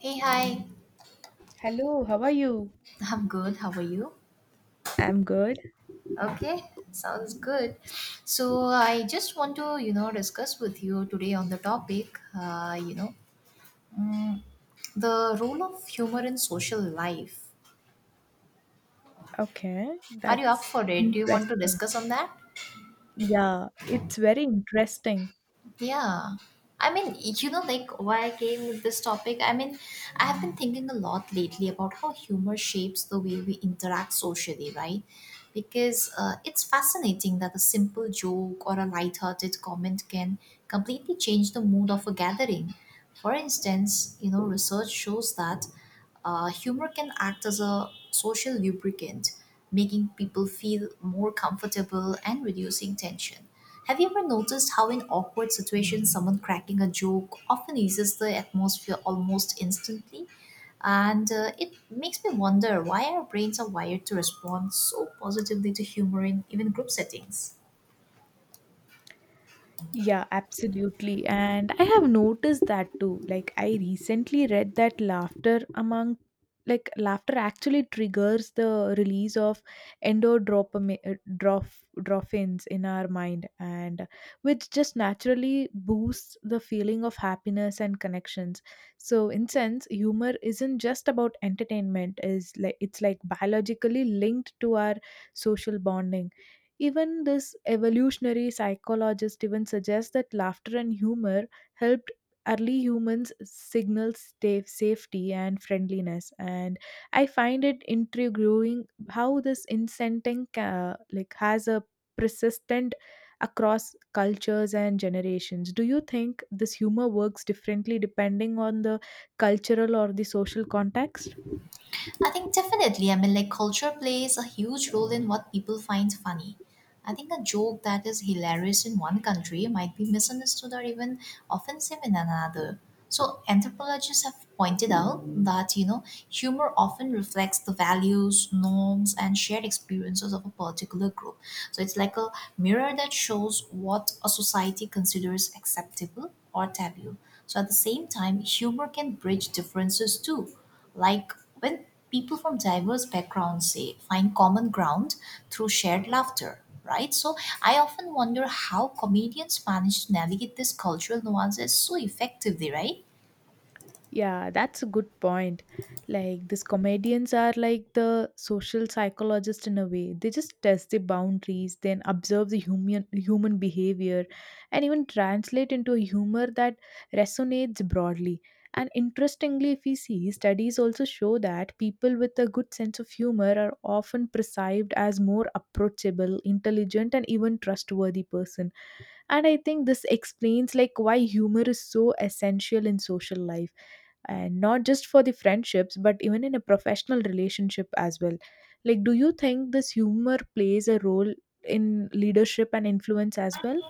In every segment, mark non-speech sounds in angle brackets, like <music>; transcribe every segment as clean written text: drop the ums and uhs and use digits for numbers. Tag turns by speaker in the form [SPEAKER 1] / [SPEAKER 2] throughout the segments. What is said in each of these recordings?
[SPEAKER 1] Hey, hi.
[SPEAKER 2] Hello, how are you?
[SPEAKER 1] I'm good. How are you?
[SPEAKER 2] I'm good.
[SPEAKER 1] Okay, sounds good. So I just want to, you know, discuss with you today on the topic, mm, the role of humor in social life.
[SPEAKER 2] Okay,
[SPEAKER 1] Are you up
[SPEAKER 2] that's
[SPEAKER 1] for it? Do you want to
[SPEAKER 2] interesting.
[SPEAKER 1] discuss on that?
[SPEAKER 2] Yeah, it's very interesting.
[SPEAKER 1] Yeah. I mean, you know, like why I came with this topic. I mean, I have been thinking a lot lately about how humor shapes the way we interact socially, right? Because it's fascinating that a simple joke or a lighthearted comment can completely change the mood of a gathering. For instance, you know, research shows that humor can act as a social lubricant, making people feel more comfortable and reducing tension. Have you ever noticed how, in awkward situations, someone cracking a joke often eases the atmosphere almost instantly? And it makes me wonder why our brains are wired to respond so positively to humor in even group settings.
[SPEAKER 2] Yeah, absolutely. And I have noticed that too. Like I recently read that laughter among laughter actually triggers the release of endorphins in our mind and which just naturally boosts the feeling of happiness and connections, so in sense humor isn't just about entertainment, is like it's like biologically linked to our social bonding. Even this evolutionary psychologist even suggests that laughter and humor helped early humans signal safety and friendliness. And I find it intriguing how this incenting, like, has a persistent across cultures and generations. Do you think this humor works differently depending on the cultural or the social context?
[SPEAKER 1] I think definitely. I mean, like culture plays a huge role in what people find funny. I think a joke that is hilarious in one country might be misunderstood or even offensive in another. So, anthropologists have pointed out that, you know, humor often reflects the values, norms, and shared experiences of a particular group. So, it's like a mirror that shows what a society considers acceptable or taboo. So, at the same time, humor can bridge differences too, like when people from diverse backgrounds say find common ground through shared laughter, right? So I often wonder how comedians manage to navigate these cultural nuances so effectively, right?
[SPEAKER 2] Yeah, that's a good point. Like, these comedians are like the social psychologist in a way. They just test the boundaries, then observe the human behavior, and even translate into a humor that resonates broadly. And interestingly, if we see, studies also show that people with a good sense of humor are often perceived as more approachable, intelligent, and even trustworthy person. And I think this explains like why humor is so essential in social life, and not just for the friendships but even in a professional relationship as well. Like, do you think this humor plays a role in leadership and influence as well?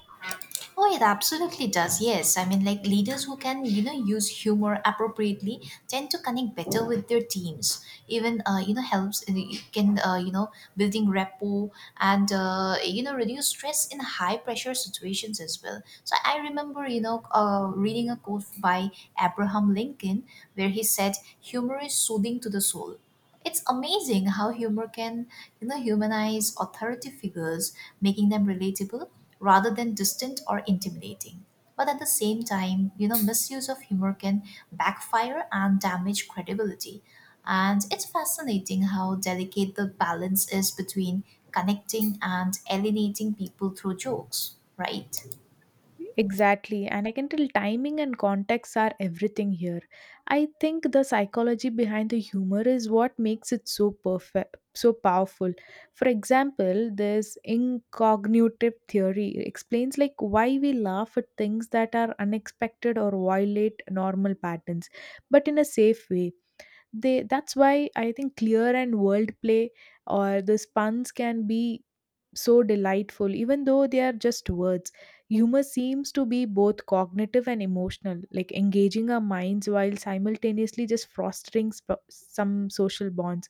[SPEAKER 1] Oh, it absolutely does. Yes. I mean, like leaders who can, you know, use humor appropriately tend to connect better with their teams. Even, you know, it can, you know, building rapport and, you know, reduce stress in high pressure situations as well. So I remember, you know, reading a quote by Abraham Lincoln where he said, humor is soothing to the soul. It's amazing how humor can, you know, humanize authority figures, making them relatable rather than distant or intimidating. But at the same time, you know, misuse of humor can backfire and damage credibility. And it's fascinating how delicate the balance is between connecting and alienating people through jokes, right?
[SPEAKER 2] Exactly, and I can tell timing and context are everything here. I think the psychology behind the humor is what makes it so perfect, so powerful. For example, this incognitive theory explains like why we laugh at things that are unexpected or violate normal patterns, but in a safe way. They that's why I think clear and world play or the puns can be so delightful, even though they are just words. Humor seems to be both cognitive and emotional, like engaging our minds while simultaneously just fostering some social bonds.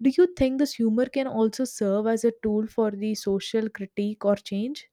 [SPEAKER 2] Do you think this humor can also serve as a tool for the social critique or change?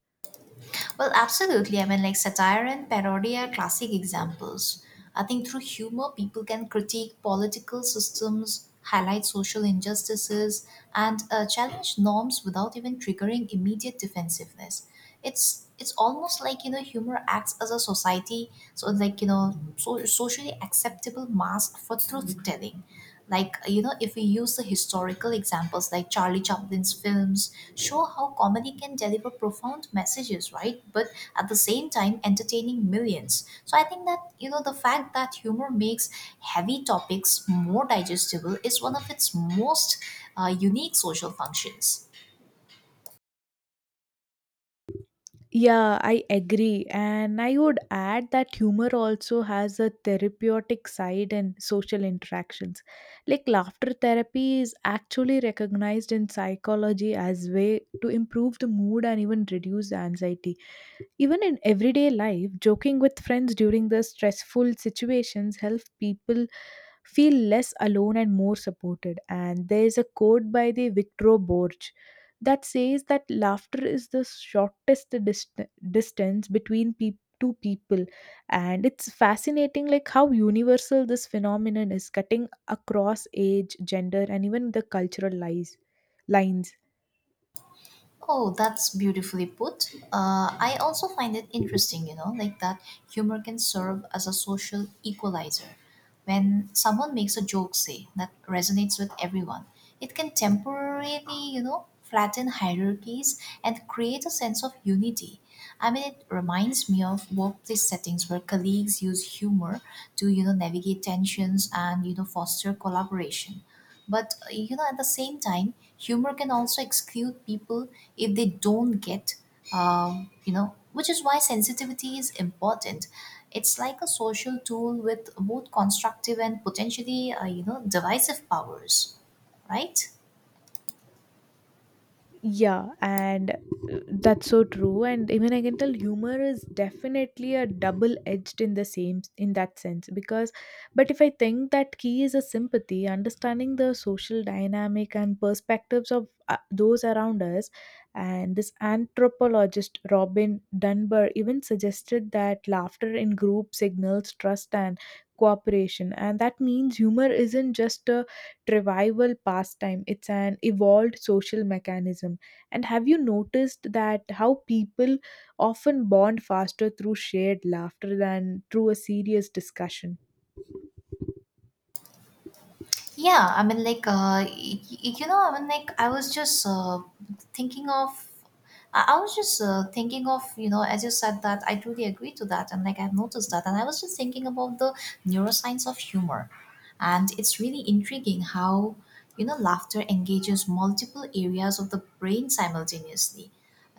[SPEAKER 1] Well, absolutely. I mean, like satire and parody are classic examples. I think through humor, people can critique political systems, highlight social injustices, and challenge norms without even triggering immediate defensiveness. It's almost like, you know, humor acts as a society, so like, you know, so socially acceptable mask for truth telling. Like, you know, if we use the historical examples like Charlie Chaplin's films show how comedy can deliver profound messages, right? But at the same time, entertaining millions. So I think that, you know, the fact that humor makes heavy topics more digestible is one of its most unique social functions.
[SPEAKER 2] Yeah, I agree. And I would add that humor also has a therapeutic side in social interactions. Like laughter therapy is actually recognized in psychology as way to improve the mood and even reduce anxiety. Even in everyday life, joking with friends during the stressful situations help people feel less alone and more supported. And there is a quote by the Victor Borge that says that laughter is the shortest distance between peop two people, and it's fascinating like how universal this phenomenon is, cutting across age, gender, and even the cultural lies lines.
[SPEAKER 1] Oh, that's beautifully put. I also find it interesting, you know, like that humor can serve as a social equalizer. When someone makes a joke, say, that resonates with everyone, it can temporarily, you know, flatten hierarchies and create a sense of unity. I mean, it reminds me of workplace settings where colleagues use humor to, you know, navigate tensions and, you know, foster collaboration. But you know, at the same time, humor can also exclude people if they don't get, you know, which is why sensitivity is important. It's like a social tool with both constructive and potentially, you know, divisive powers, right?
[SPEAKER 2] Yeah, and that's so true. And even I can tell humor is definitely a double edged in the same in that sense because, but if I think that key is a sympathy, understanding the social dynamic and perspectives of those around us, and this anthropologist Robin Dunbar even suggested that laughter in group signals trust and cooperation, and that means humor isn't just a revival pastime. It's an evolved social mechanism. And have you noticed that how people often bond faster through shared laughter than through a serious discussion?
[SPEAKER 1] Yeah, I mean, like, you know, I mean, like, thinking of, I was just thinking of, you know, as you said that, I truly agree to that. And, like, I've noticed that. And I was just thinking about the neuroscience of humor. And it's really intriguing how, you know, laughter engages multiple areas of the brain simultaneously.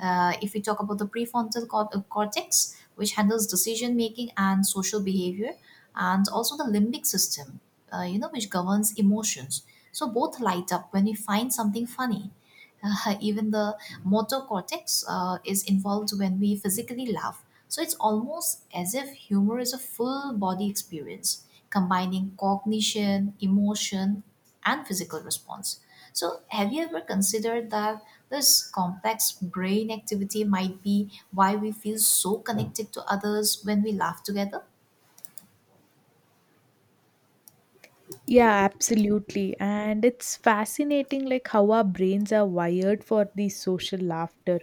[SPEAKER 1] If we talk about the cortex, which handles decision making and social behavior, and also the limbic system you know, which governs emotions. So both light up when we find something funny. <laughs> Even the motor cortex is involved when we physically laugh. So it's almost as if humor is a full body experience, combining cognition, emotion, and physical response. So, have you ever considered that this complex brain activity might be why we feel so connected to others when we laugh together?
[SPEAKER 2] Yeah, absolutely. And it's fascinating like how our brains are wired for the social laughter.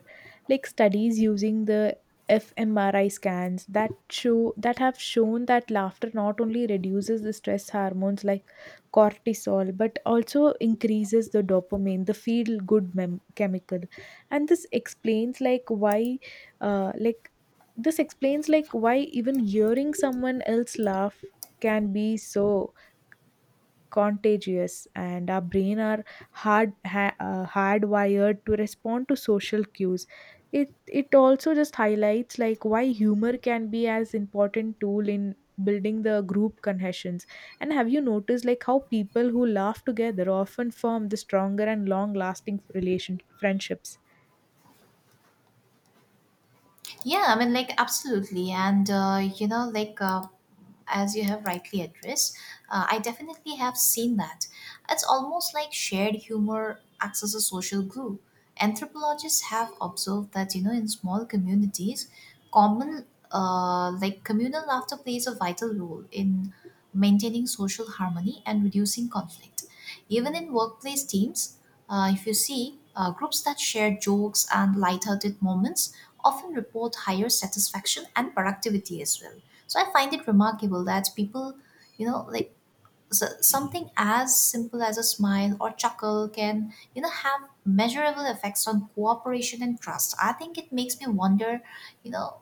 [SPEAKER 2] Like studies using the fMRI scans that show that have shown that laughter not only reduces the stress hormones like cortisol but also increases the dopamine, the feel good chemical. And this explains like why like This explains like why even hearing someone else laugh can be so contagious, and our brain are hardwired to respond to social cues. it it also just highlights like why humor can be as important tool in building the group cohesions. And have you noticed like how people who laugh together often form the stronger and long lasting relation friendships?
[SPEAKER 1] Yeah, I mean, like, absolutely. And, you know, like, as you have rightly addressed, I definitely have seen that. It's almost like shared humor acts as a social glue. Anthropologists have observed that, you know, in small communities, common like communal laughter plays a vital role in maintaining social harmony and reducing conflict. Even in workplace teams, if you see groups that share jokes and lighthearted moments often report higher satisfaction and productivity as well. So I find it remarkable that people, you know, like, something as simple as a smile or chuckle can, you know, have measurable effects on cooperation and trust. I think it makes me wonder, you know,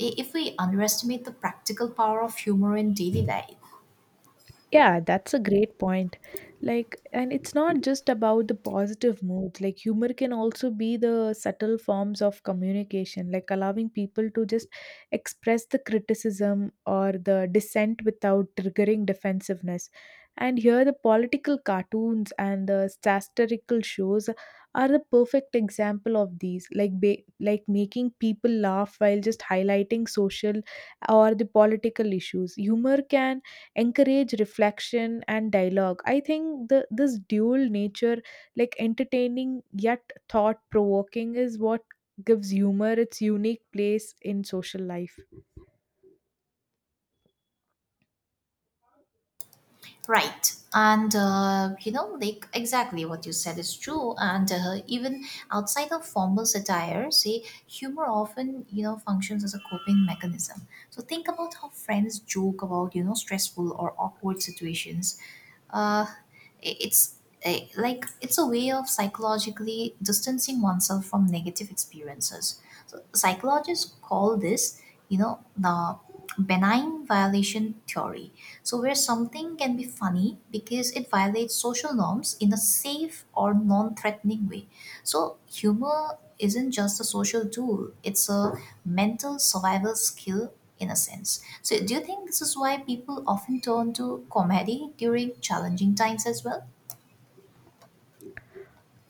[SPEAKER 1] if we underestimate the practical power of humor in daily life.
[SPEAKER 2] Yeah, that's a great point. Like, and it's not just about the positive mood. Like, humor can also be the subtle forms of communication, like allowing people to just express the criticism or the dissent without triggering defensiveness. And here, the political cartoons and the satirical shows are the perfect example of these, like making people laugh while just highlighting social or the political issues. Humor can encourage reflection and dialogue. I think the this dual nature, like entertaining yet thought provoking, is what gives humor its unique place in social life.
[SPEAKER 1] Right. And, you know, like exactly what you said is true. And even outside of formal satire, say, humor often, you know, functions as a coping mechanism. So think about how friends joke about, you know, stressful or awkward situations. Uh, I- it's eh, like it's a way of psychologically distancing oneself from negative experiences. So psychologists call this, you know, the benign violation theory, so, where something can be funny because it violates social norms in a safe or non threatening way. So, humor isn't just a social tool, it's a mental survival skill in a sense. So, do you think this is why people often turn to comedy during challenging times as well?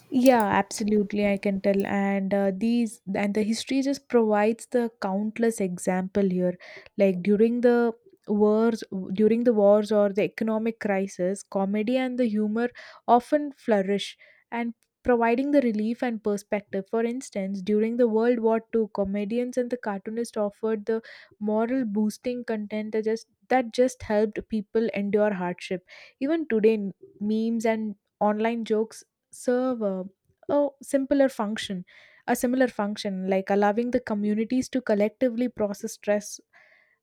[SPEAKER 2] Yeah, absolutely, I can tell. And these and the history just provides the countless example here. Like during the wars, during the wars or the economic crisis, comedy and the humor often flourish, and providing the relief and perspective. For instance, during the World War II, comedians and the cartoonists offered the moral boosting content that just helped people endure hardship. Even today, memes and online jokes serve a simpler function a similar function, like allowing the communities to collectively process stress.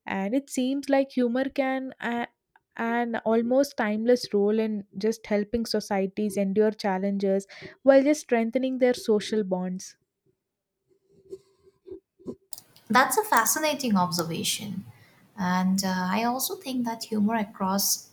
[SPEAKER 2] And it seems like humor can, an almost timeless role in just helping societies endure challenges while just strengthening their social bonds.
[SPEAKER 1] That's a fascinating observation. And I also think that humor across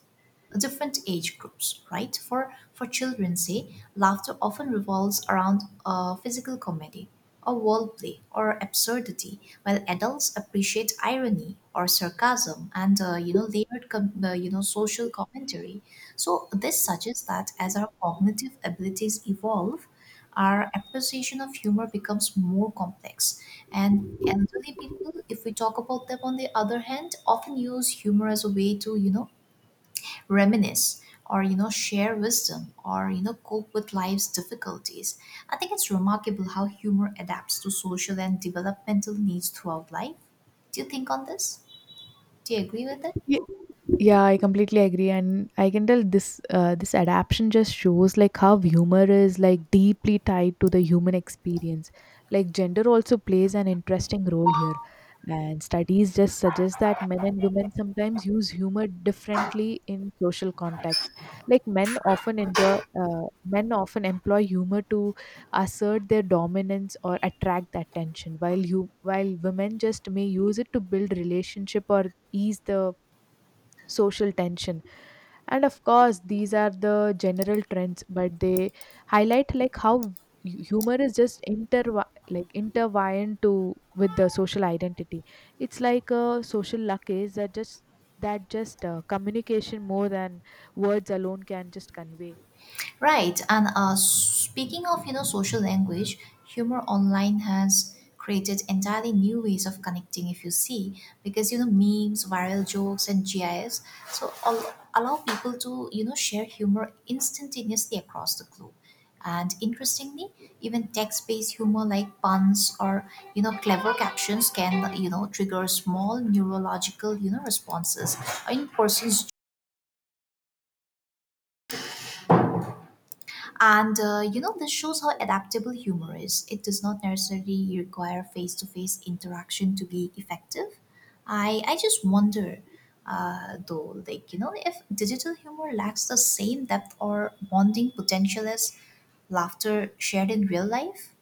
[SPEAKER 1] different age groups, right? For children, say, laughter often revolves around physical comedy, or wordplay, or absurdity, while adults appreciate irony or sarcasm and you know, you know, social commentary. So this suggests that as our cognitive abilities evolve, our appreciation of humor becomes more complex. And elderly people, if we talk about them on the other hand, often use humor as a way to, you know, reminisce, or you know, share wisdom, or you know, cope with life's difficulties. I think it's remarkable how humor adapts to social and developmental needs throughout life. Do you think on this? Do you agree with it?
[SPEAKER 2] Ye- Yeah, I completely agree, and I can tell this, this adaptation just shows like how humor is like deeply tied to the human experience. Like gender also plays an interesting role here, and studies just suggest that men and women sometimes use humor differently in social context. Like men often enjoy uh, Men often employ humor to assert their dominance or attract the attention, while you while women just may use it to build relationship or ease the social tension. And of course these are the general trends, but they highlight like humor is just intertwined to with the social identity. It's like a social luggage that just, communication more than words alone can just convey.
[SPEAKER 1] Right, and speaking of, you know, social language, humor online has created entirely new ways of connecting. If you see, because you know, memes, viral jokes, and GIFs, so all, allow people to, you know, share humor instantaneously across the globe. And interestingly, even text-based humor like puns or you know, clever captions can, you know, trigger small neurological, you know, responses in persons. And you know, this shows how adaptable humor is. It does not necessarily require face to face interaction to be effective. I just wonder, though, like, you know, if digital humor lacks the same depth or bonding potential as laughter shared in real life.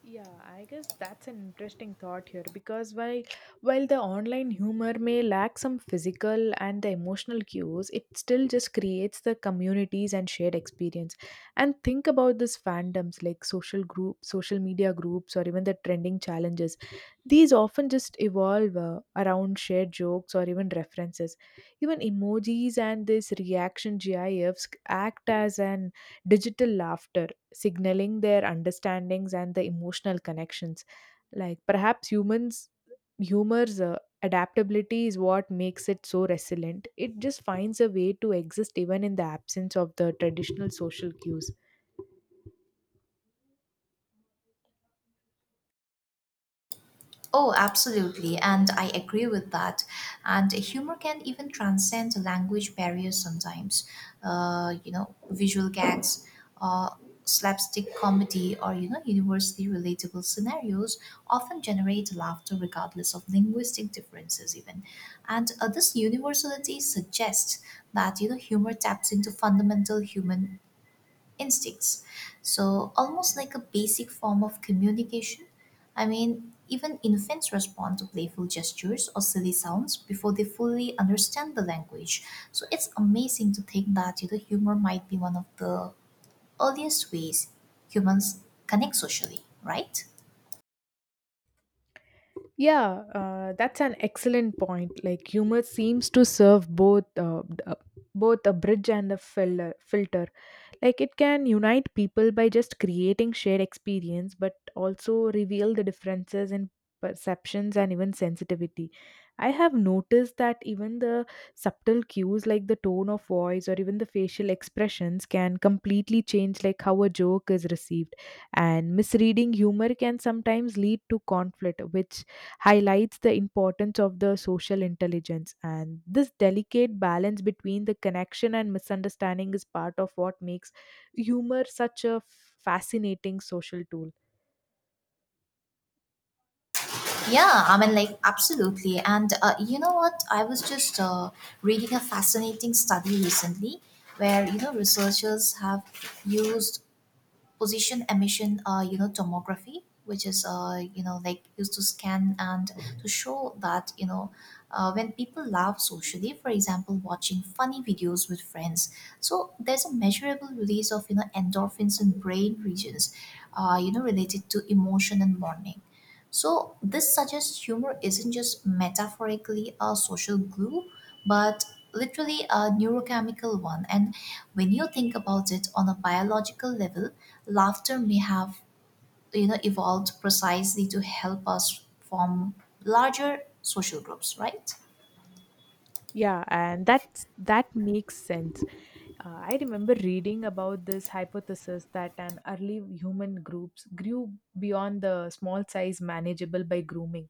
[SPEAKER 2] Yeah, I guess that's an interesting thought here because while the online humor may lack some physical and the emotional cues, it still just creates the communities and shared experience. And think about this fandoms, like social group, social media groups, or even the trending challenges. These often just evolve around shared jokes or even references. Even emojis and this reaction GIFs act as an digital laughter, signaling their understandings and the emotional connections. Like perhaps humans, humor's adaptability is what makes it so resilient. It just finds a way to exist even in the absence of the traditional social cues.
[SPEAKER 1] Oh, absolutely. And I agree with that. And humor can even transcend language barriers sometimes. You know, visual gags, uh, slapstick comedy, or, you know, universally relatable scenarios often generate laughter regardless of linguistic differences, even. And this universality suggests that, you know, humor taps into fundamental human instincts. So, almost like a basic form of communication. I mean, even infants respond to playful gestures or silly sounds before they fully understand the language. So, it's amazing to think that, you know, humor might be one of the earliest ways humans connect socially, right?
[SPEAKER 2] Yeah, that's an excellent point. Like humor seems to serve both a bridge and a filter, like it can unite people by just creating shared experience but also reveal the differences in perceptions and even sensitivity. I have noticed that even the subtle cues like the tone of voice or even the facial expressions can completely change like how a joke is received, and misreading humor can sometimes lead to conflict, which highlights the importance of the social intelligence. And this delicate balance between the connection and misunderstanding is part of what makes humor such a fascinating social tool.
[SPEAKER 1] Yeah, I mean, like, absolutely. And you know what? I was just reading a fascinating study recently where, you know, researchers have used position emission you know, tomography, which is you know, like used to scan and to show that, you know, when people laugh socially, for example watching funny videos with friends, so there's a measurable release of, you know, endorphins in brain regions you know, related to emotion and mourning. So, this suggests humor isn't just metaphorically a social glue, but literally a neurochemical one. And when you think about it on a biological level, laughter may have, you know, evolved precisely to help us form larger social groups, right?
[SPEAKER 2] Yeah, and that makes sense. I remember reading about this hypothesis that an early human groups grew beyond the small size manageable by grooming,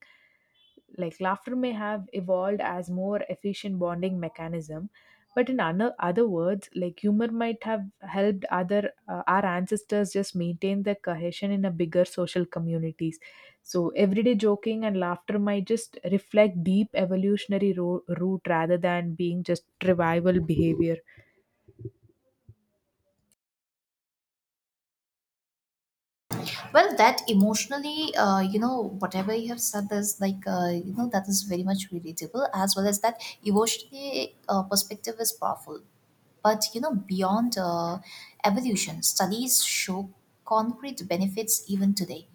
[SPEAKER 2] like laughter may have evolved as more efficient bonding mechanism. But in other words, like humor might have helped other, our ancestors just maintain their cohesion in a bigger social communities. So everyday joking and laughter might just reflect deep evolutionary root rather than being just revival behavior.
[SPEAKER 1] Well, that emotionally, you know, whatever you have said is like, you know, that is very much relatable, as well as that emotionally perspective is powerful. But you know, beyond evolution, studies show concrete benefits even today.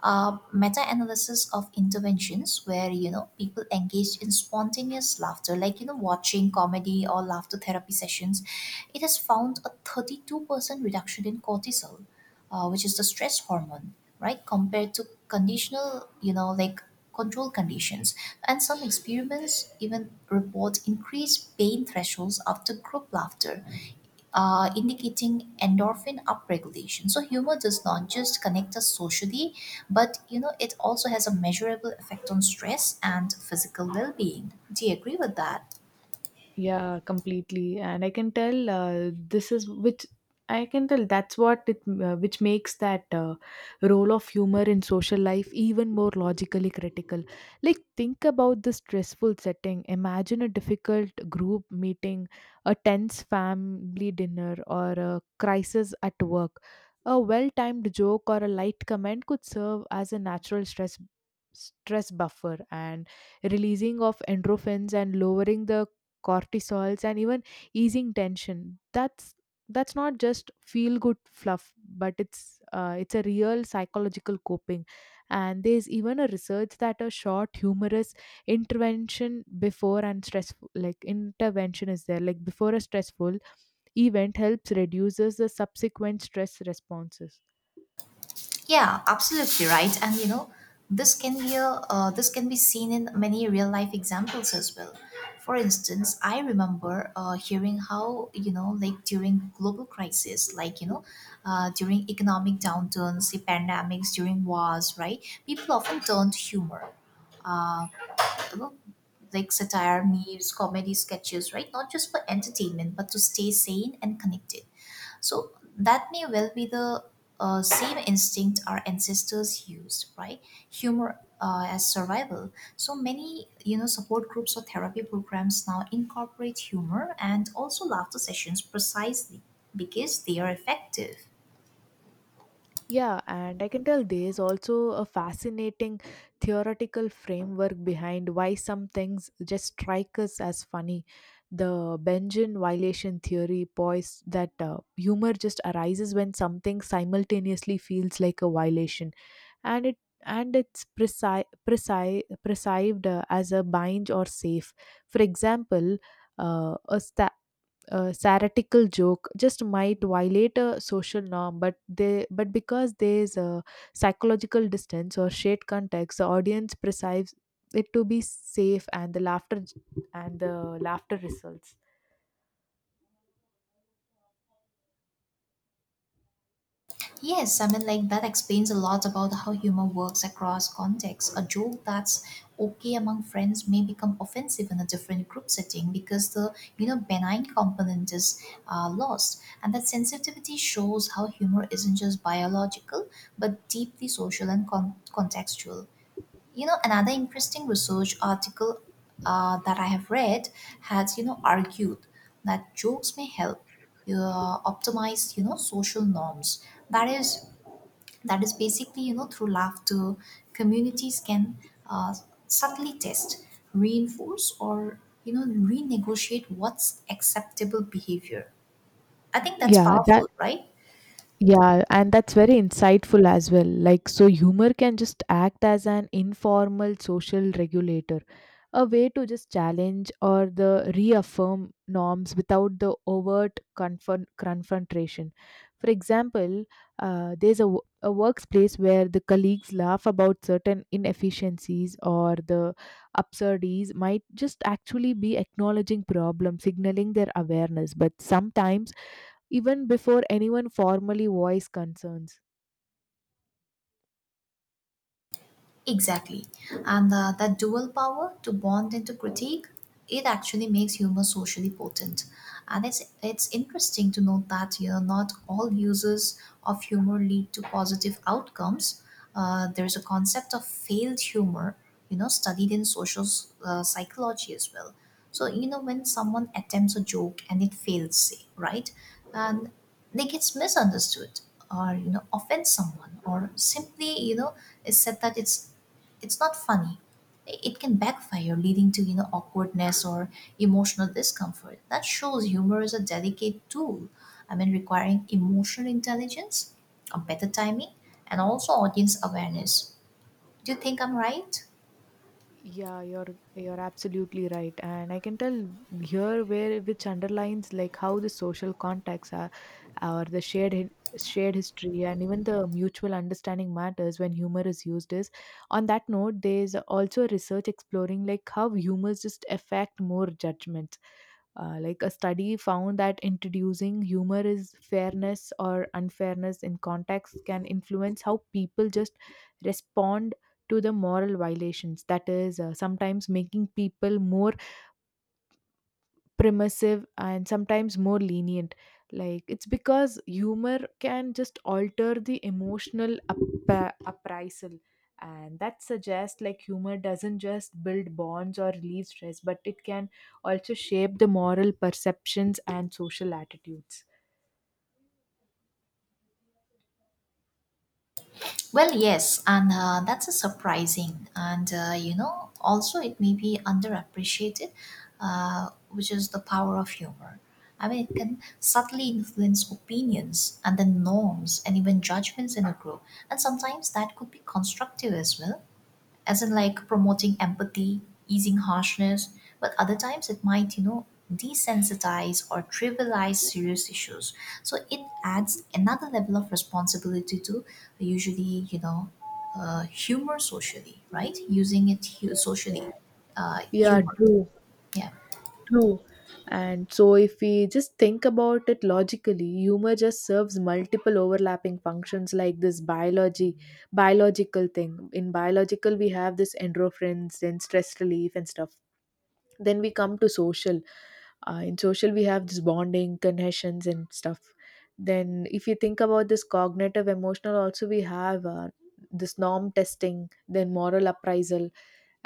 [SPEAKER 1] Meta-analysis of interventions where people engaged in spontaneous laughter, like watching comedy or laughter therapy sessions, it has found a 32% reduction in cortisol, which is the stress hormone, right, compared to conditional, like control conditions, and some experiments even report increased pain thresholds after group laughter, indicating endorphin upregulation. So humor does not just connect us socially, but it also has a measurable effect on stress and physical well-being. Do you agree with that?
[SPEAKER 2] Yeah, completely. And I can tell this is which I can tell that's what it, which makes that, role of humor in social life even more logically critical. Like think about the stressful setting. Imagine a difficult group meeting, a tense family dinner, or a crisis at work. A well-timed joke or a light comment could serve as a natural stress buffer, and releasing of endorphins and lowering the cortisols and even easing tension. That's not just feel good fluff, but it's a real psychological coping. And there's even a research that a short humorous intervention is there like before a stressful event helps reduces the subsequent stress responses.
[SPEAKER 1] Yeah, absolutely right. And this can this can be seen in many real life examples as well. For instance, I remember hearing how like during global crisis, during economic downturns, the pandemics, during wars, right? People often turn to humor. You know, like satire, memes, comedy sketches, right? Not just for entertainment, but to stay sane and connected. So that may well be the same instinct our ancestors used, right? Humor as survival. So many, support groups or therapy programs now incorporate humor and also laughter sessions precisely because they are effective.
[SPEAKER 2] Yeah, and I can tell there's also a fascinating theoretical framework behind why some things just strike us as funny. The Benjamin violation theory posits that, humor just arises when something simultaneously feels like a violation and it and it's perceived, as a bind or safe. For example, uh, a, sta- satirical joke just might violate a social norm, but they but because there's a psychological distance or shared context, the audience perceives it to be safe and the laughter results.
[SPEAKER 1] Yes, I mean, like that explains a lot about how humor works across contexts. A joke that's okay among friends may become offensive in a different group setting because the benign component is lost, and that sensitivity shows how humor isn't just biological but deeply social and contextual. You know, another interesting research article that I have read has argued that jokes may help optimize social norms that is that is basically through laughter communities can uh, subtly test, reinforce, or renegotiate what's acceptable behavior. I think that's
[SPEAKER 2] yeah that
[SPEAKER 1] powerful, right?
[SPEAKER 2] Yeah, and that's very insightful as well. Like, so humor can just act as an informal social regulator, a way to just challenge or the reaffirm norms without the overt confrontation. For example, there's a, a workplace where the colleagues laugh about certain inefficiencies or the absurdities might just actually be acknowledging problems, signaling their awareness. But sometimes even before anyone formally voiced concerns.
[SPEAKER 1] Exactly. And that dual power to bond and to critique, it actually makes humor socially potent. And it's interesting to note that not all uses of humor lead to positive outcomes. There's a concept of failed humor, you know, studied in social psychology as well. So, you know, when someone attempts a joke and it fails, say, right? And they gets misunderstood or, you know, offend someone or simply, you know, is said that it's not funny. It can backfire, leading to awkwardness or emotional discomfort. That shows humor is a delicate tool. I mean, requiring emotional intelligence, a better timing, and also audience awareness. Do you think I'm right?
[SPEAKER 2] Yeah, you're absolutely right, and I can tell here where which underlines like how the social contacts are or the shared shared history and even the mutual understanding matters when humor is used is on that note. There's also research exploring like how humors just affect more judgments. Like a study found that introducing humor is fairness or unfairness in context can influence how people just respond to the moral violations, that is sometimes making people more permissive and sometimes more lenient, like it's because humor can just alter the emotional appraisal. And that suggests like humor doesn't just build bonds or relieve stress, but it can also shape the moral perceptions and social attitudes.
[SPEAKER 1] Well, yes, and that's a surprising, and you know, also it may be underappreciated, which is the power of humor. I mean, it can subtly influence opinions and then norms and even judgments in a group, and sometimes that could be constructive as well as in like promoting empathy, easing harshness, but other times it might, you know, desensitize or trivialize serious issues. So it adds another level of responsibility to usually, you know, humor socially, right? Using it socially,
[SPEAKER 2] Yeah,
[SPEAKER 1] humor.
[SPEAKER 2] true.
[SPEAKER 1] Yeah.
[SPEAKER 2] True. And so, if we just think about it logically, humor just serves multiple overlapping functions like this biological thing. In biological, we have this endorphins and stress relief and stuff. Then we come to social. In social, we have this bonding, connections, and stuff. Then, if you think about this cognitive, emotional, also we have this norm testing, then moral appraisal.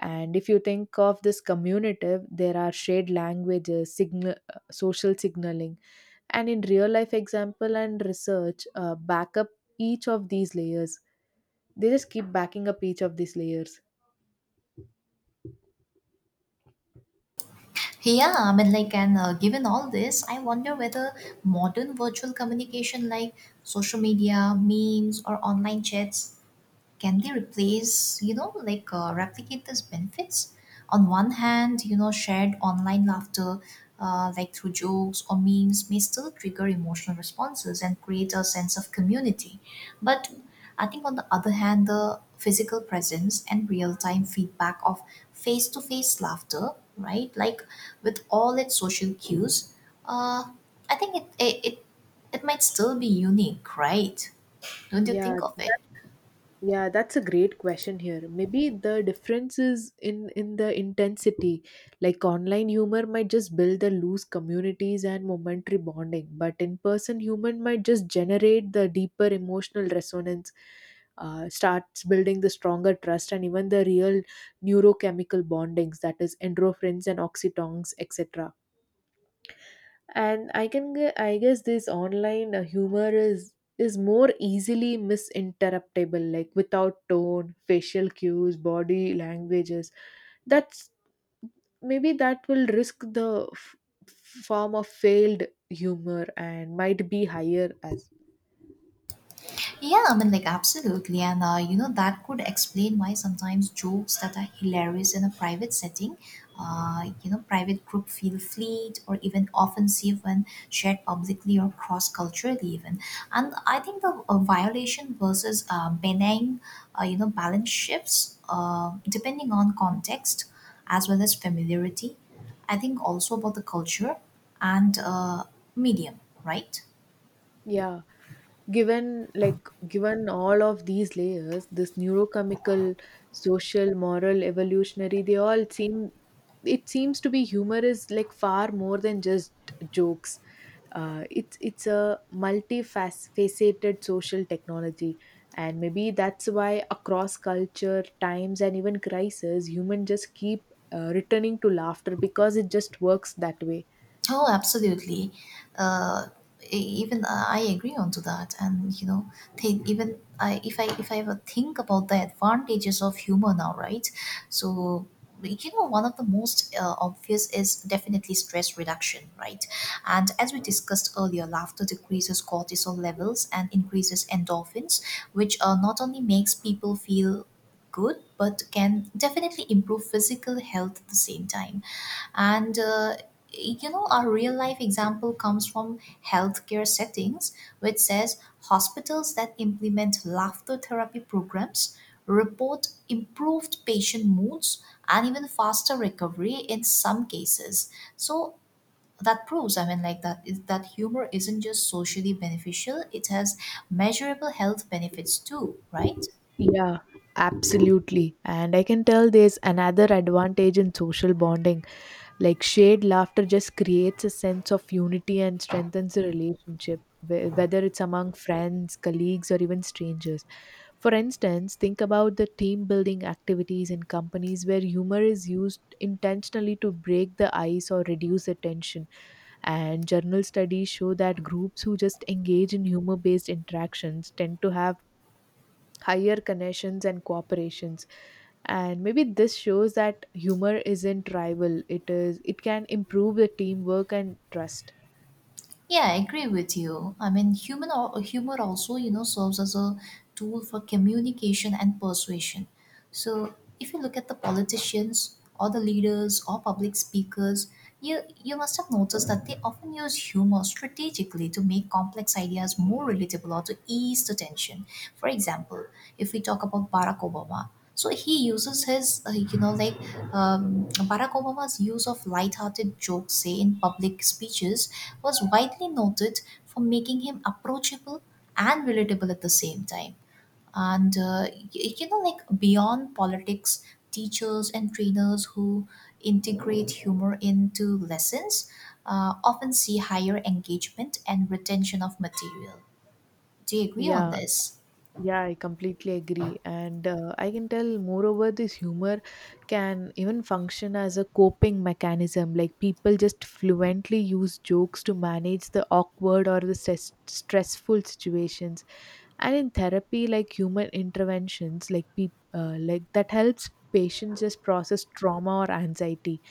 [SPEAKER 2] And if you think of this communitive, there are shared languages, signal, social signaling, and in real life example and research, back up each of these layers. They just keep backing up each of these layers.
[SPEAKER 1] Yeah, I mean, like, and given all this, I wonder whether modern virtual communication like social media, memes, or online chats, can they replace replicate those benefits? On one hand, shared online laughter, like through jokes or memes, may still trigger emotional responses and create a sense of community, but I think on the other hand, the physical presence and real-time feedback of face-to-face laughter, right, like with all its social cues, uh, I think it might still be unique, right? Don't you
[SPEAKER 2] Yeah.
[SPEAKER 1] think of it?
[SPEAKER 2] Yeah, that's a great question here. Maybe the difference is in the intensity. Like online humor might just build the loose communities and momentary bonding, but in person humor might just generate the deeper emotional resonance, starts building the stronger trust and even the real neurochemical bondings, that is endorphins and oxytons, etc. And I guess this online humor is more easily misinterruptable, like without tone, facial cues, body languages. That's maybe that will risk the form of failed humor, and might be higher as.
[SPEAKER 1] Yeah, I mean, like, absolutely. And, you know, that could explain why sometimes jokes that are hilarious in a private setting, you know, private group, feel fleet or even offensive when shared publicly or cross culturally, even. And I think the violation versus benign, you know, balance shifts depending on context as well as familiarity. I think also about the culture and medium, right?
[SPEAKER 2] Yeah, given all of these layers, this neurochemical, social, moral, evolutionary, they all seem, it seems to be humor is like far more than just jokes. It's a multifaceted social technology, and maybe that's why across culture, times, and even crises, human just keep returning to laughter because it just works that way.
[SPEAKER 1] Oh, absolutely. Uh, e- even I agree onto that, and you know, think even I if I if I ever think about the advantages of humor now, right? So one of the most obvious is definitely stress reduction, right? And as we discussed earlier, laughter decreases cortisol levels and increases endorphins, which not only makes people feel good but can definitely improve physical health at the same time. And you know, our real life example comes from healthcare settings, which says hospitals that implement laughter therapy programs report improved patient moods and even faster recovery in some cases. So that proves, I mean, like that is, that humor isn't just socially beneficial, it has measurable health benefits too, right?
[SPEAKER 2] Yeah, absolutely, and I can tell there's another advantage in social bonding. Like shared laughter just creates a sense of unity and strengthens the relationship, whether it's among friends, colleagues, or even strangers. For instance, think about the team building activities in companies where humor is used intentionally to break the ice or reduce the tension. And journal studies show that groups who just engage in humor based interactions tend to have higher connections and cooperations. And maybe this shows that humor isn't rival, it is, it can improve the teamwork and trust.
[SPEAKER 1] Yeah, I agree with you. I mean, humor also, you know, serves as a tool for communication and persuasion. So, if you look at the politicians or the leaders or public speakers, you must have noticed that they often use humor strategically to make complex ideas more relatable or to ease the tension. For example, if we talk about Barack Obama, so he uses his, Barack Obama's use of lighthearted jokes, say in public speeches, was widely noted for making him approachable and relatable at the same time. And you know, like beyond politics, teachers and trainers who integrate humor into lessons often see higher engagement and retention of material. Do you agree on
[SPEAKER 2] Yeah.
[SPEAKER 1] this?
[SPEAKER 2] Yeah, I completely agree, and I can tell moreover this humor can even function as a coping mechanism, like people just fluently use jokes to manage the awkward or the stressful situations. And in therapy, like human interventions like peop like that helps patients just process trauma or anxiety.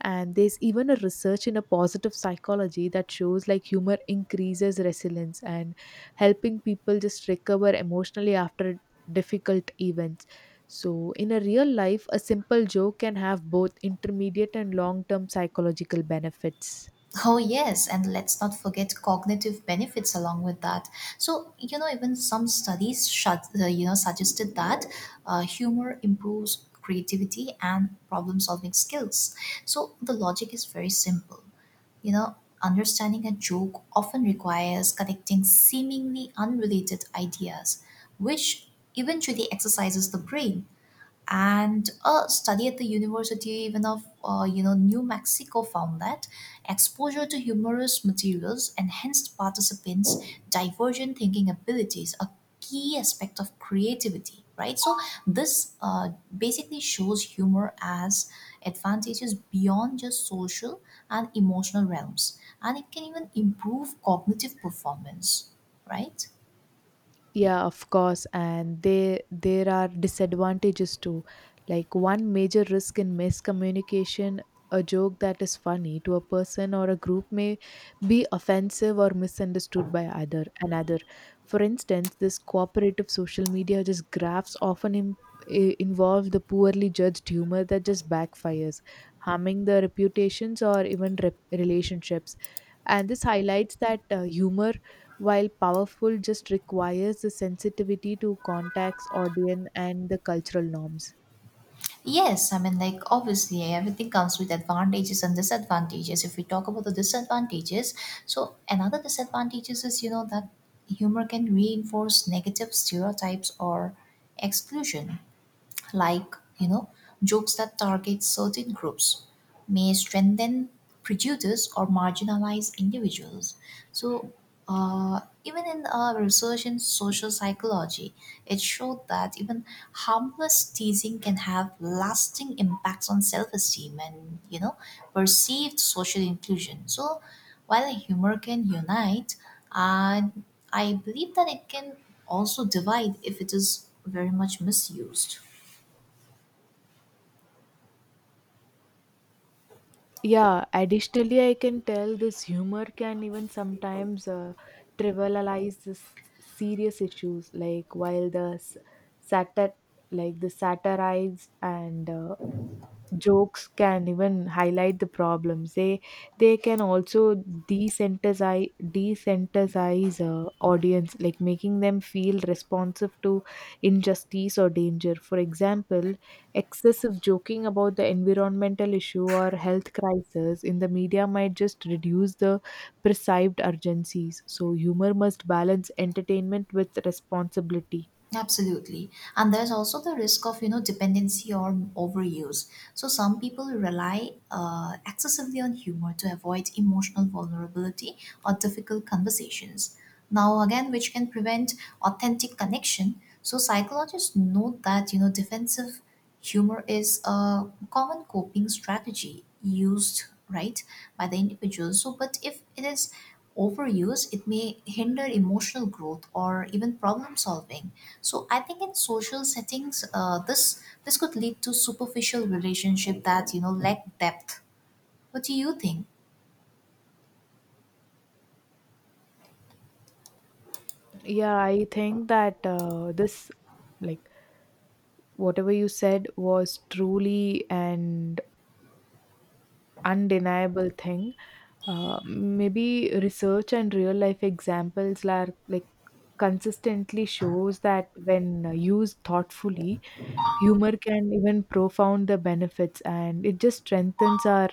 [SPEAKER 2] And there's even a research in a positive psychology that shows like humor increases resilience and helping people just recover emotionally after difficult events. So in a real life, a simple joke can have both intermediate and long term psychological benefits.
[SPEAKER 1] Oh, yes, and let's not forget cognitive benefits along with that. So, you know, even some studies, you know, suggested that humor improves creativity and problem-solving skills. So, the logic is very simple. You know, understanding a joke often requires connecting seemingly unrelated ideas, which eventually exercises the brain. And a study at the university even of, you know, New Mexico found that exposure to humorous materials enhanced participants' divergent thinking abilities, a key aspect of creativity, right? So this basically shows humor as advantages beyond just social and emotional realms, and it can even improve cognitive performance, right?
[SPEAKER 2] Yeah, of course, and they there are disadvantages too. Like one major risk in miscommunication, a joke that is funny to a person or a group may be offensive or misunderstood by either another. For instance, this cooperative social media just graphs often involve the poorly judged humor that just backfires, harming the reputations or even relationships. And this highlights that humor, while powerful, just requires the sensitivity to contacts, audience, and the cultural norms.
[SPEAKER 1] Yes, I mean, like obviously, everything comes with advantages and disadvantages. If we talk about the disadvantages, so another disadvantages is that humor can reinforce negative stereotypes or exclusion. Like jokes that target certain groups may strengthen prejudice or marginalize individuals. So even in research in social psychology, it showed that even harmless teasing can have lasting impacts on self-esteem and perceived social inclusion. So while humor can unite, and I believe that it can also divide if it is very much misused.
[SPEAKER 2] Yeah, additionally, I can tell this humor can even sometimes trivialize this serious issues, like while the satir, like the satirized and jokes can even highlight the problems, they can also desensitize audience, like making them feel responsive to injustice or danger. For example, excessive joking about the environmental issue or health crisis in the media might just reduce the perceived urgencies. So humor must balance entertainment with responsibility.
[SPEAKER 1] Absolutely. And there's also the risk of, you know, dependency or overuse. So some people rely excessively on humor to avoid emotional vulnerability or difficult conversations. Now, again, which can prevent authentic connection. So psychologists note that, you know, defensive humor is a common coping strategy used, right, by the individual. So, but if it is overused, it may hinder emotional growth or even problem solving. So I think in social settings, this could lead to superficial relationship that lack depth. What do you think?
[SPEAKER 2] Yeah, I think that this, like, whatever you said was truly an undeniable thing. Maybe research and real life examples are like consistently shows that when used thoughtfully, humor can even profound the benefits, and it just strengthens our.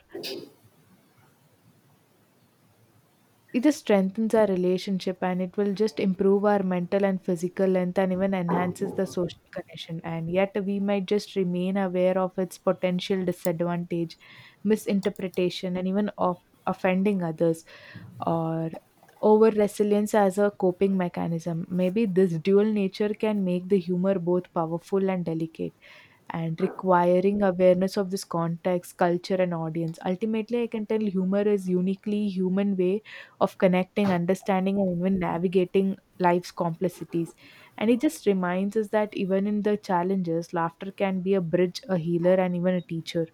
[SPEAKER 2] It just strengthens our relationship, and it will just improve our mental and physical health and even enhances the social connection. And yet, we might just remain aware of its potential disadvantage, misinterpretation, and even of offending others or over resilience as a coping mechanism. Maybe this dual nature can make the humor both powerful and delicate and requiring awareness of this context, culture, and audience. Ultimately, I can tell humor is uniquely human way of connecting, understanding, and even navigating life's complexities. And it just reminds us that even in the challenges, laughter can be a bridge, a healer, and even a teacher.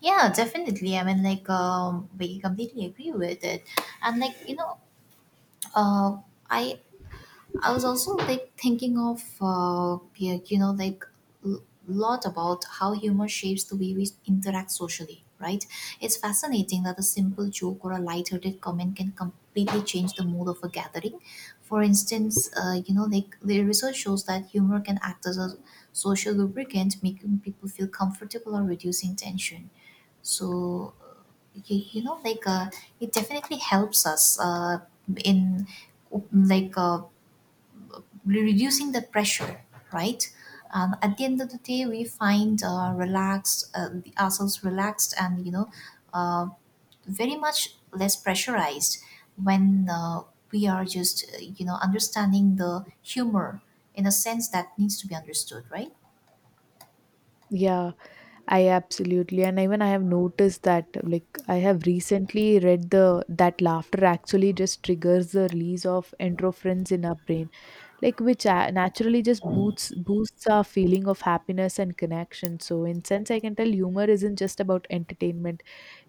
[SPEAKER 1] Yeah, definitely. I mean, like we completely agree with it, and like you know, uh, I I was also like thinking of yeah, you know, like lot about how humor shapes the way we interact socially, right? It's fascinating that a simple joke or a light-hearted comment can completely change the mood of a gathering. For instance, you know, like the research shows that humor can act as a social lubricant, making people feel comfortable or reducing tension. So you know, like it definitely helps us in like uh, reducing the pressure, right? At the end of the day, we find relaxed ourselves relaxed, and you know, uh, very much less pressurized when we are just you know, understanding the humor in a sense that needs to be understood, right?
[SPEAKER 2] Yeah, I absolutely, and even I have noticed that like I have recently read the that laughter actually just triggers the release of endorphins in our brain, like which naturally just boosts our feeling of happiness and connection. So in sense, I can tell humor isn't just about entertainment,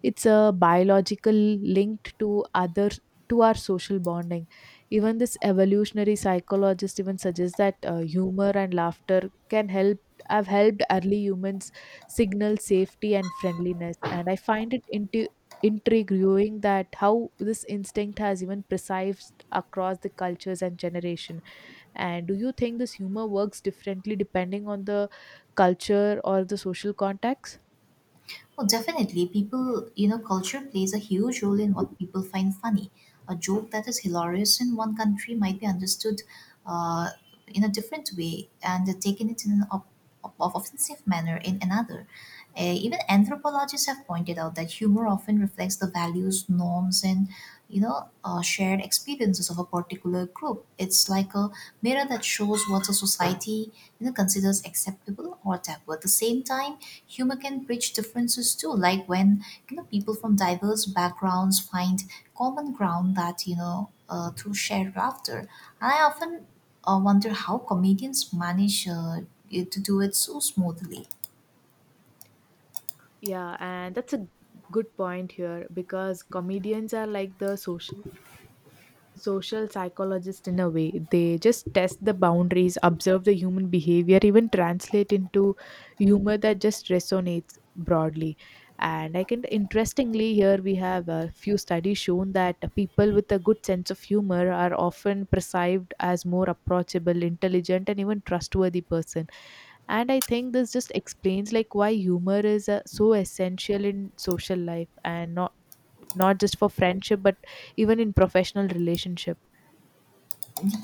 [SPEAKER 2] it's a biological linked to other, to our social bonding. Even this evolutionary psychologist even suggests that humor and laughter can help have helped early humans signal safety and friendliness. And I find it into intriguing that how this instinct has even preserved across the cultures and generation. And do you think this humor works differently depending on the culture or the social context?
[SPEAKER 1] Well, definitely, people, you know, culture plays a huge role in what people find funny. A joke that is hilarious in one country might be understood uh, in a different way and taken it in an offensive manner in another. Even anthropologists have pointed out that humor often reflects the values, norms, and you know, shared experiences of a particular group. It's like a mirror that shows what a society considers acceptable or taboo. At the same time, humor can bridge differences too, like when people from diverse backgrounds find common ground that you know through shared laughter. And I often wonder how comedians manage to do it so smoothly.
[SPEAKER 2] Yeah, and that's a good point here because comedians are like the social psychologist in a way. They just test the boundaries, observe the human behavior, even translate into humor that just resonates broadly. And I can interestingly here we have a few studies shown that people with a good sense of humor are often perceived as more approachable, intelligent, and even trustworthy person. And I think this just explains like why humor is so essential in social life, and not just for friendship but even in professional relationship.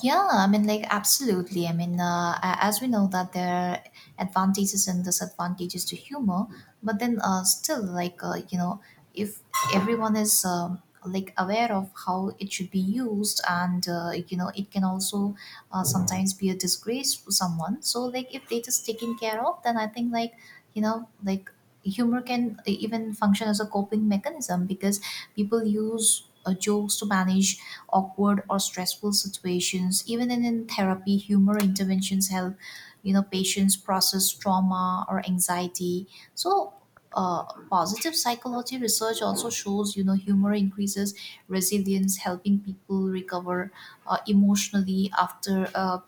[SPEAKER 1] Yeah, I mean, like, absolutely. I mean, as we know that there are advantages and disadvantages to humor, but then still, like, you know, if everyone is like aware of how it should be used, and you know, it can also sometimes be a disgrace to someone. So, like, if it is taken care of, then I think, like, you know, like humor can even function as a coping mechanism because people use jokes to manage awkward or stressful situations, even in therapy humor interventions help patients process trauma or anxiety. So uh, positive psychology research also shows humor increases resilience, helping people recover emotionally after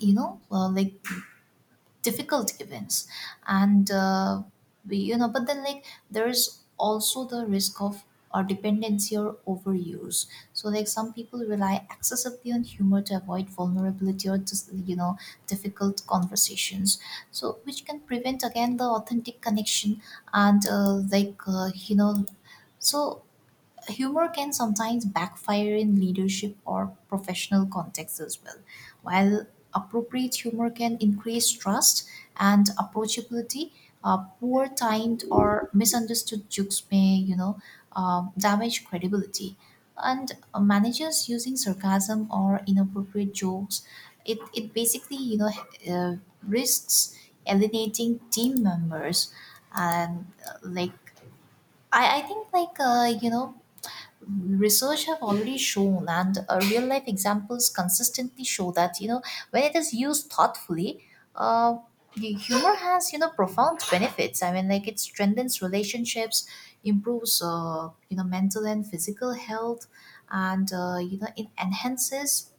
[SPEAKER 1] you know uh, like difficult events. And we, you know, but then like, there's also the risk of or dependency or overuse. So like some people rely excessively on humor to avoid vulnerability or just difficult conversations, so which can prevent again the authentic connection. And so humor can sometimes backfire in leadership or professional contexts as well. While appropriate humor can increase trust and approachability, poor timed or misunderstood jokes may, you know, damage credibility. And managers using sarcasm or inappropriate jokes, it basically, you know, uh, risks alienating team members. And I think like you know, research have already shown, and real life examples consistently show that when it is used thoughtfully, uh, the humor has profound benefits. I mean, like it strengthens relationships, improves you know, mental and physical health, and you know, it enhances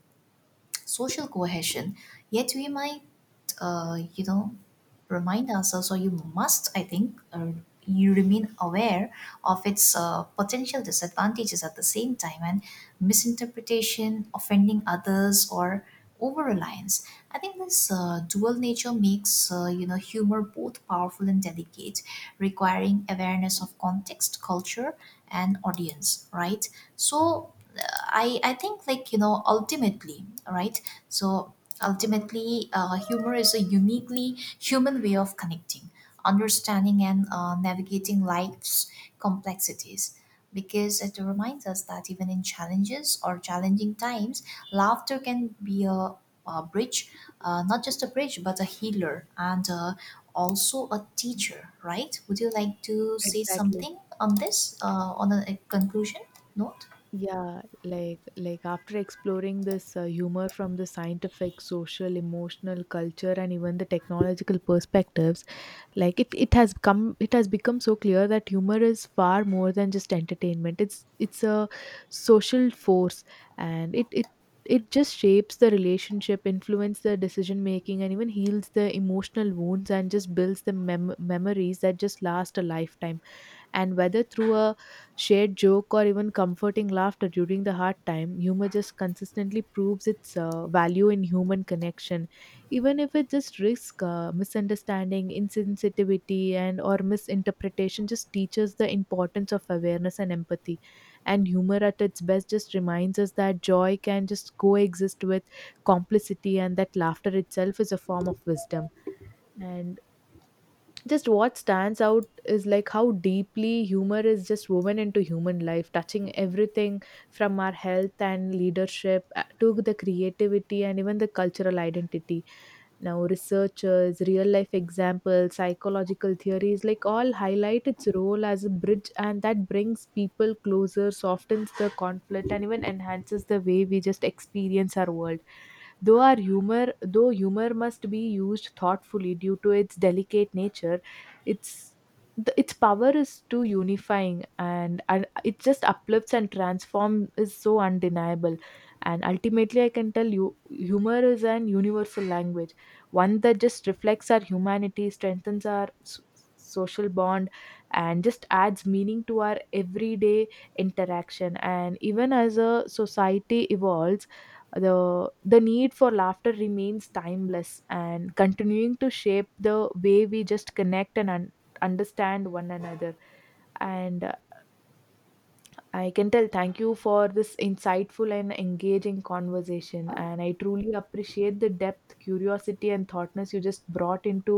[SPEAKER 1] social cohesion. Yet we might you know, remind ourselves, or you must, I think, you remain aware of its potential disadvantages at the same time, and misinterpretation, offending others, or over reliance. I think this dual nature makes you know, humor both powerful and delicate, requiring awareness of context, culture, and audience, right? so I think like, you know, ultimately, right, so ultimately, humor is a uniquely human way of connecting, understanding, and navigating life's complexities, because it reminds us that even in challenges or challenging times, laughter can be a bridge, not just a bridge, but a healer and also a teacher, right? Would you like to say
[SPEAKER 2] Exactly.
[SPEAKER 1] something on this, on a conclusion note?
[SPEAKER 2] Yeah, like after exploring this humor from the scientific, social, emotional, culture, and even the technological perspectives, like it has come, it has become so clear that humor is far more than just entertainment. It's a social force, and it just shapes the relationship, influence the decision making, and even heals the emotional wounds and just builds the memories that just last a lifetime. And whether through a shared joke or even comforting laughter during the hard time, humor just consistently proves its value in human connection, even if it just risks misunderstanding, insensitivity, and or misinterpretation. Just teaches the importance of awareness and empathy. And humor at its best just reminds us that joy can just coexist with complicity, and that laughter itself is a form of wisdom. And just what stands out is like how deeply humor is just woven into human life, touching everything from our health and leadership to the creativity and even the cultural identity. Now researchers, real life examples, psychological theories, like all highlight its role as a bridge, and that brings people closer, softens the conflict, and even enhances the way we just experience our world. Though humor must be used thoughtfully due to its delicate nature, its its power is too unifying, and it just uplifts and transforms is so undeniable. And ultimately, I can tell you humor is an universal language, one that just reflects our humanity, strengthens our social bond, and just adds meaning to our everyday interaction. And even as a society evolves, the need for laughter remains timeless and continuing to shape the way we just connect and understand one another. And I can tell thank you for this insightful and engaging conversation, and I truly appreciate the depth, curiosity, and thoughtness you just brought into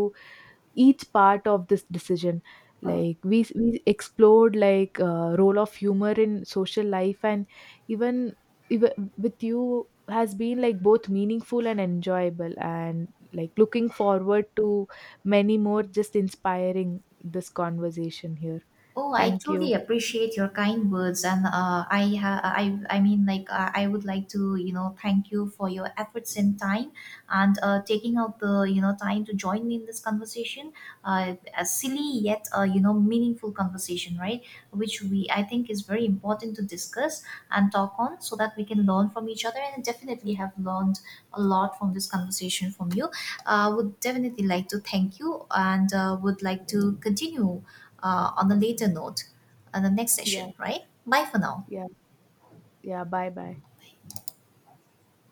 [SPEAKER 2] each part of this decision. Like we explored like role of humor in social life. And even, even with you has been like both meaningful and enjoyable, and like looking forward to many more just inspiring this conversation here.
[SPEAKER 1] Oh, I
[SPEAKER 2] Thank you.
[SPEAKER 1] truly appreciate your kind words, and I mean, like, I would like to, you know, thank you for your efforts and time, and taking out the, you know, time to join me in this conversation. A silly yet, you know, meaningful conversation, right? Which we, I think, is very important to discuss and talk on, so that we can learn from each other. And definitely have learned a lot from this conversation from you. Would definitely like to thank you, and would like to continue on a later note on the next
[SPEAKER 2] Yeah.
[SPEAKER 1] session, right? Bye for now.
[SPEAKER 2] Yeah. Yeah, bye bye.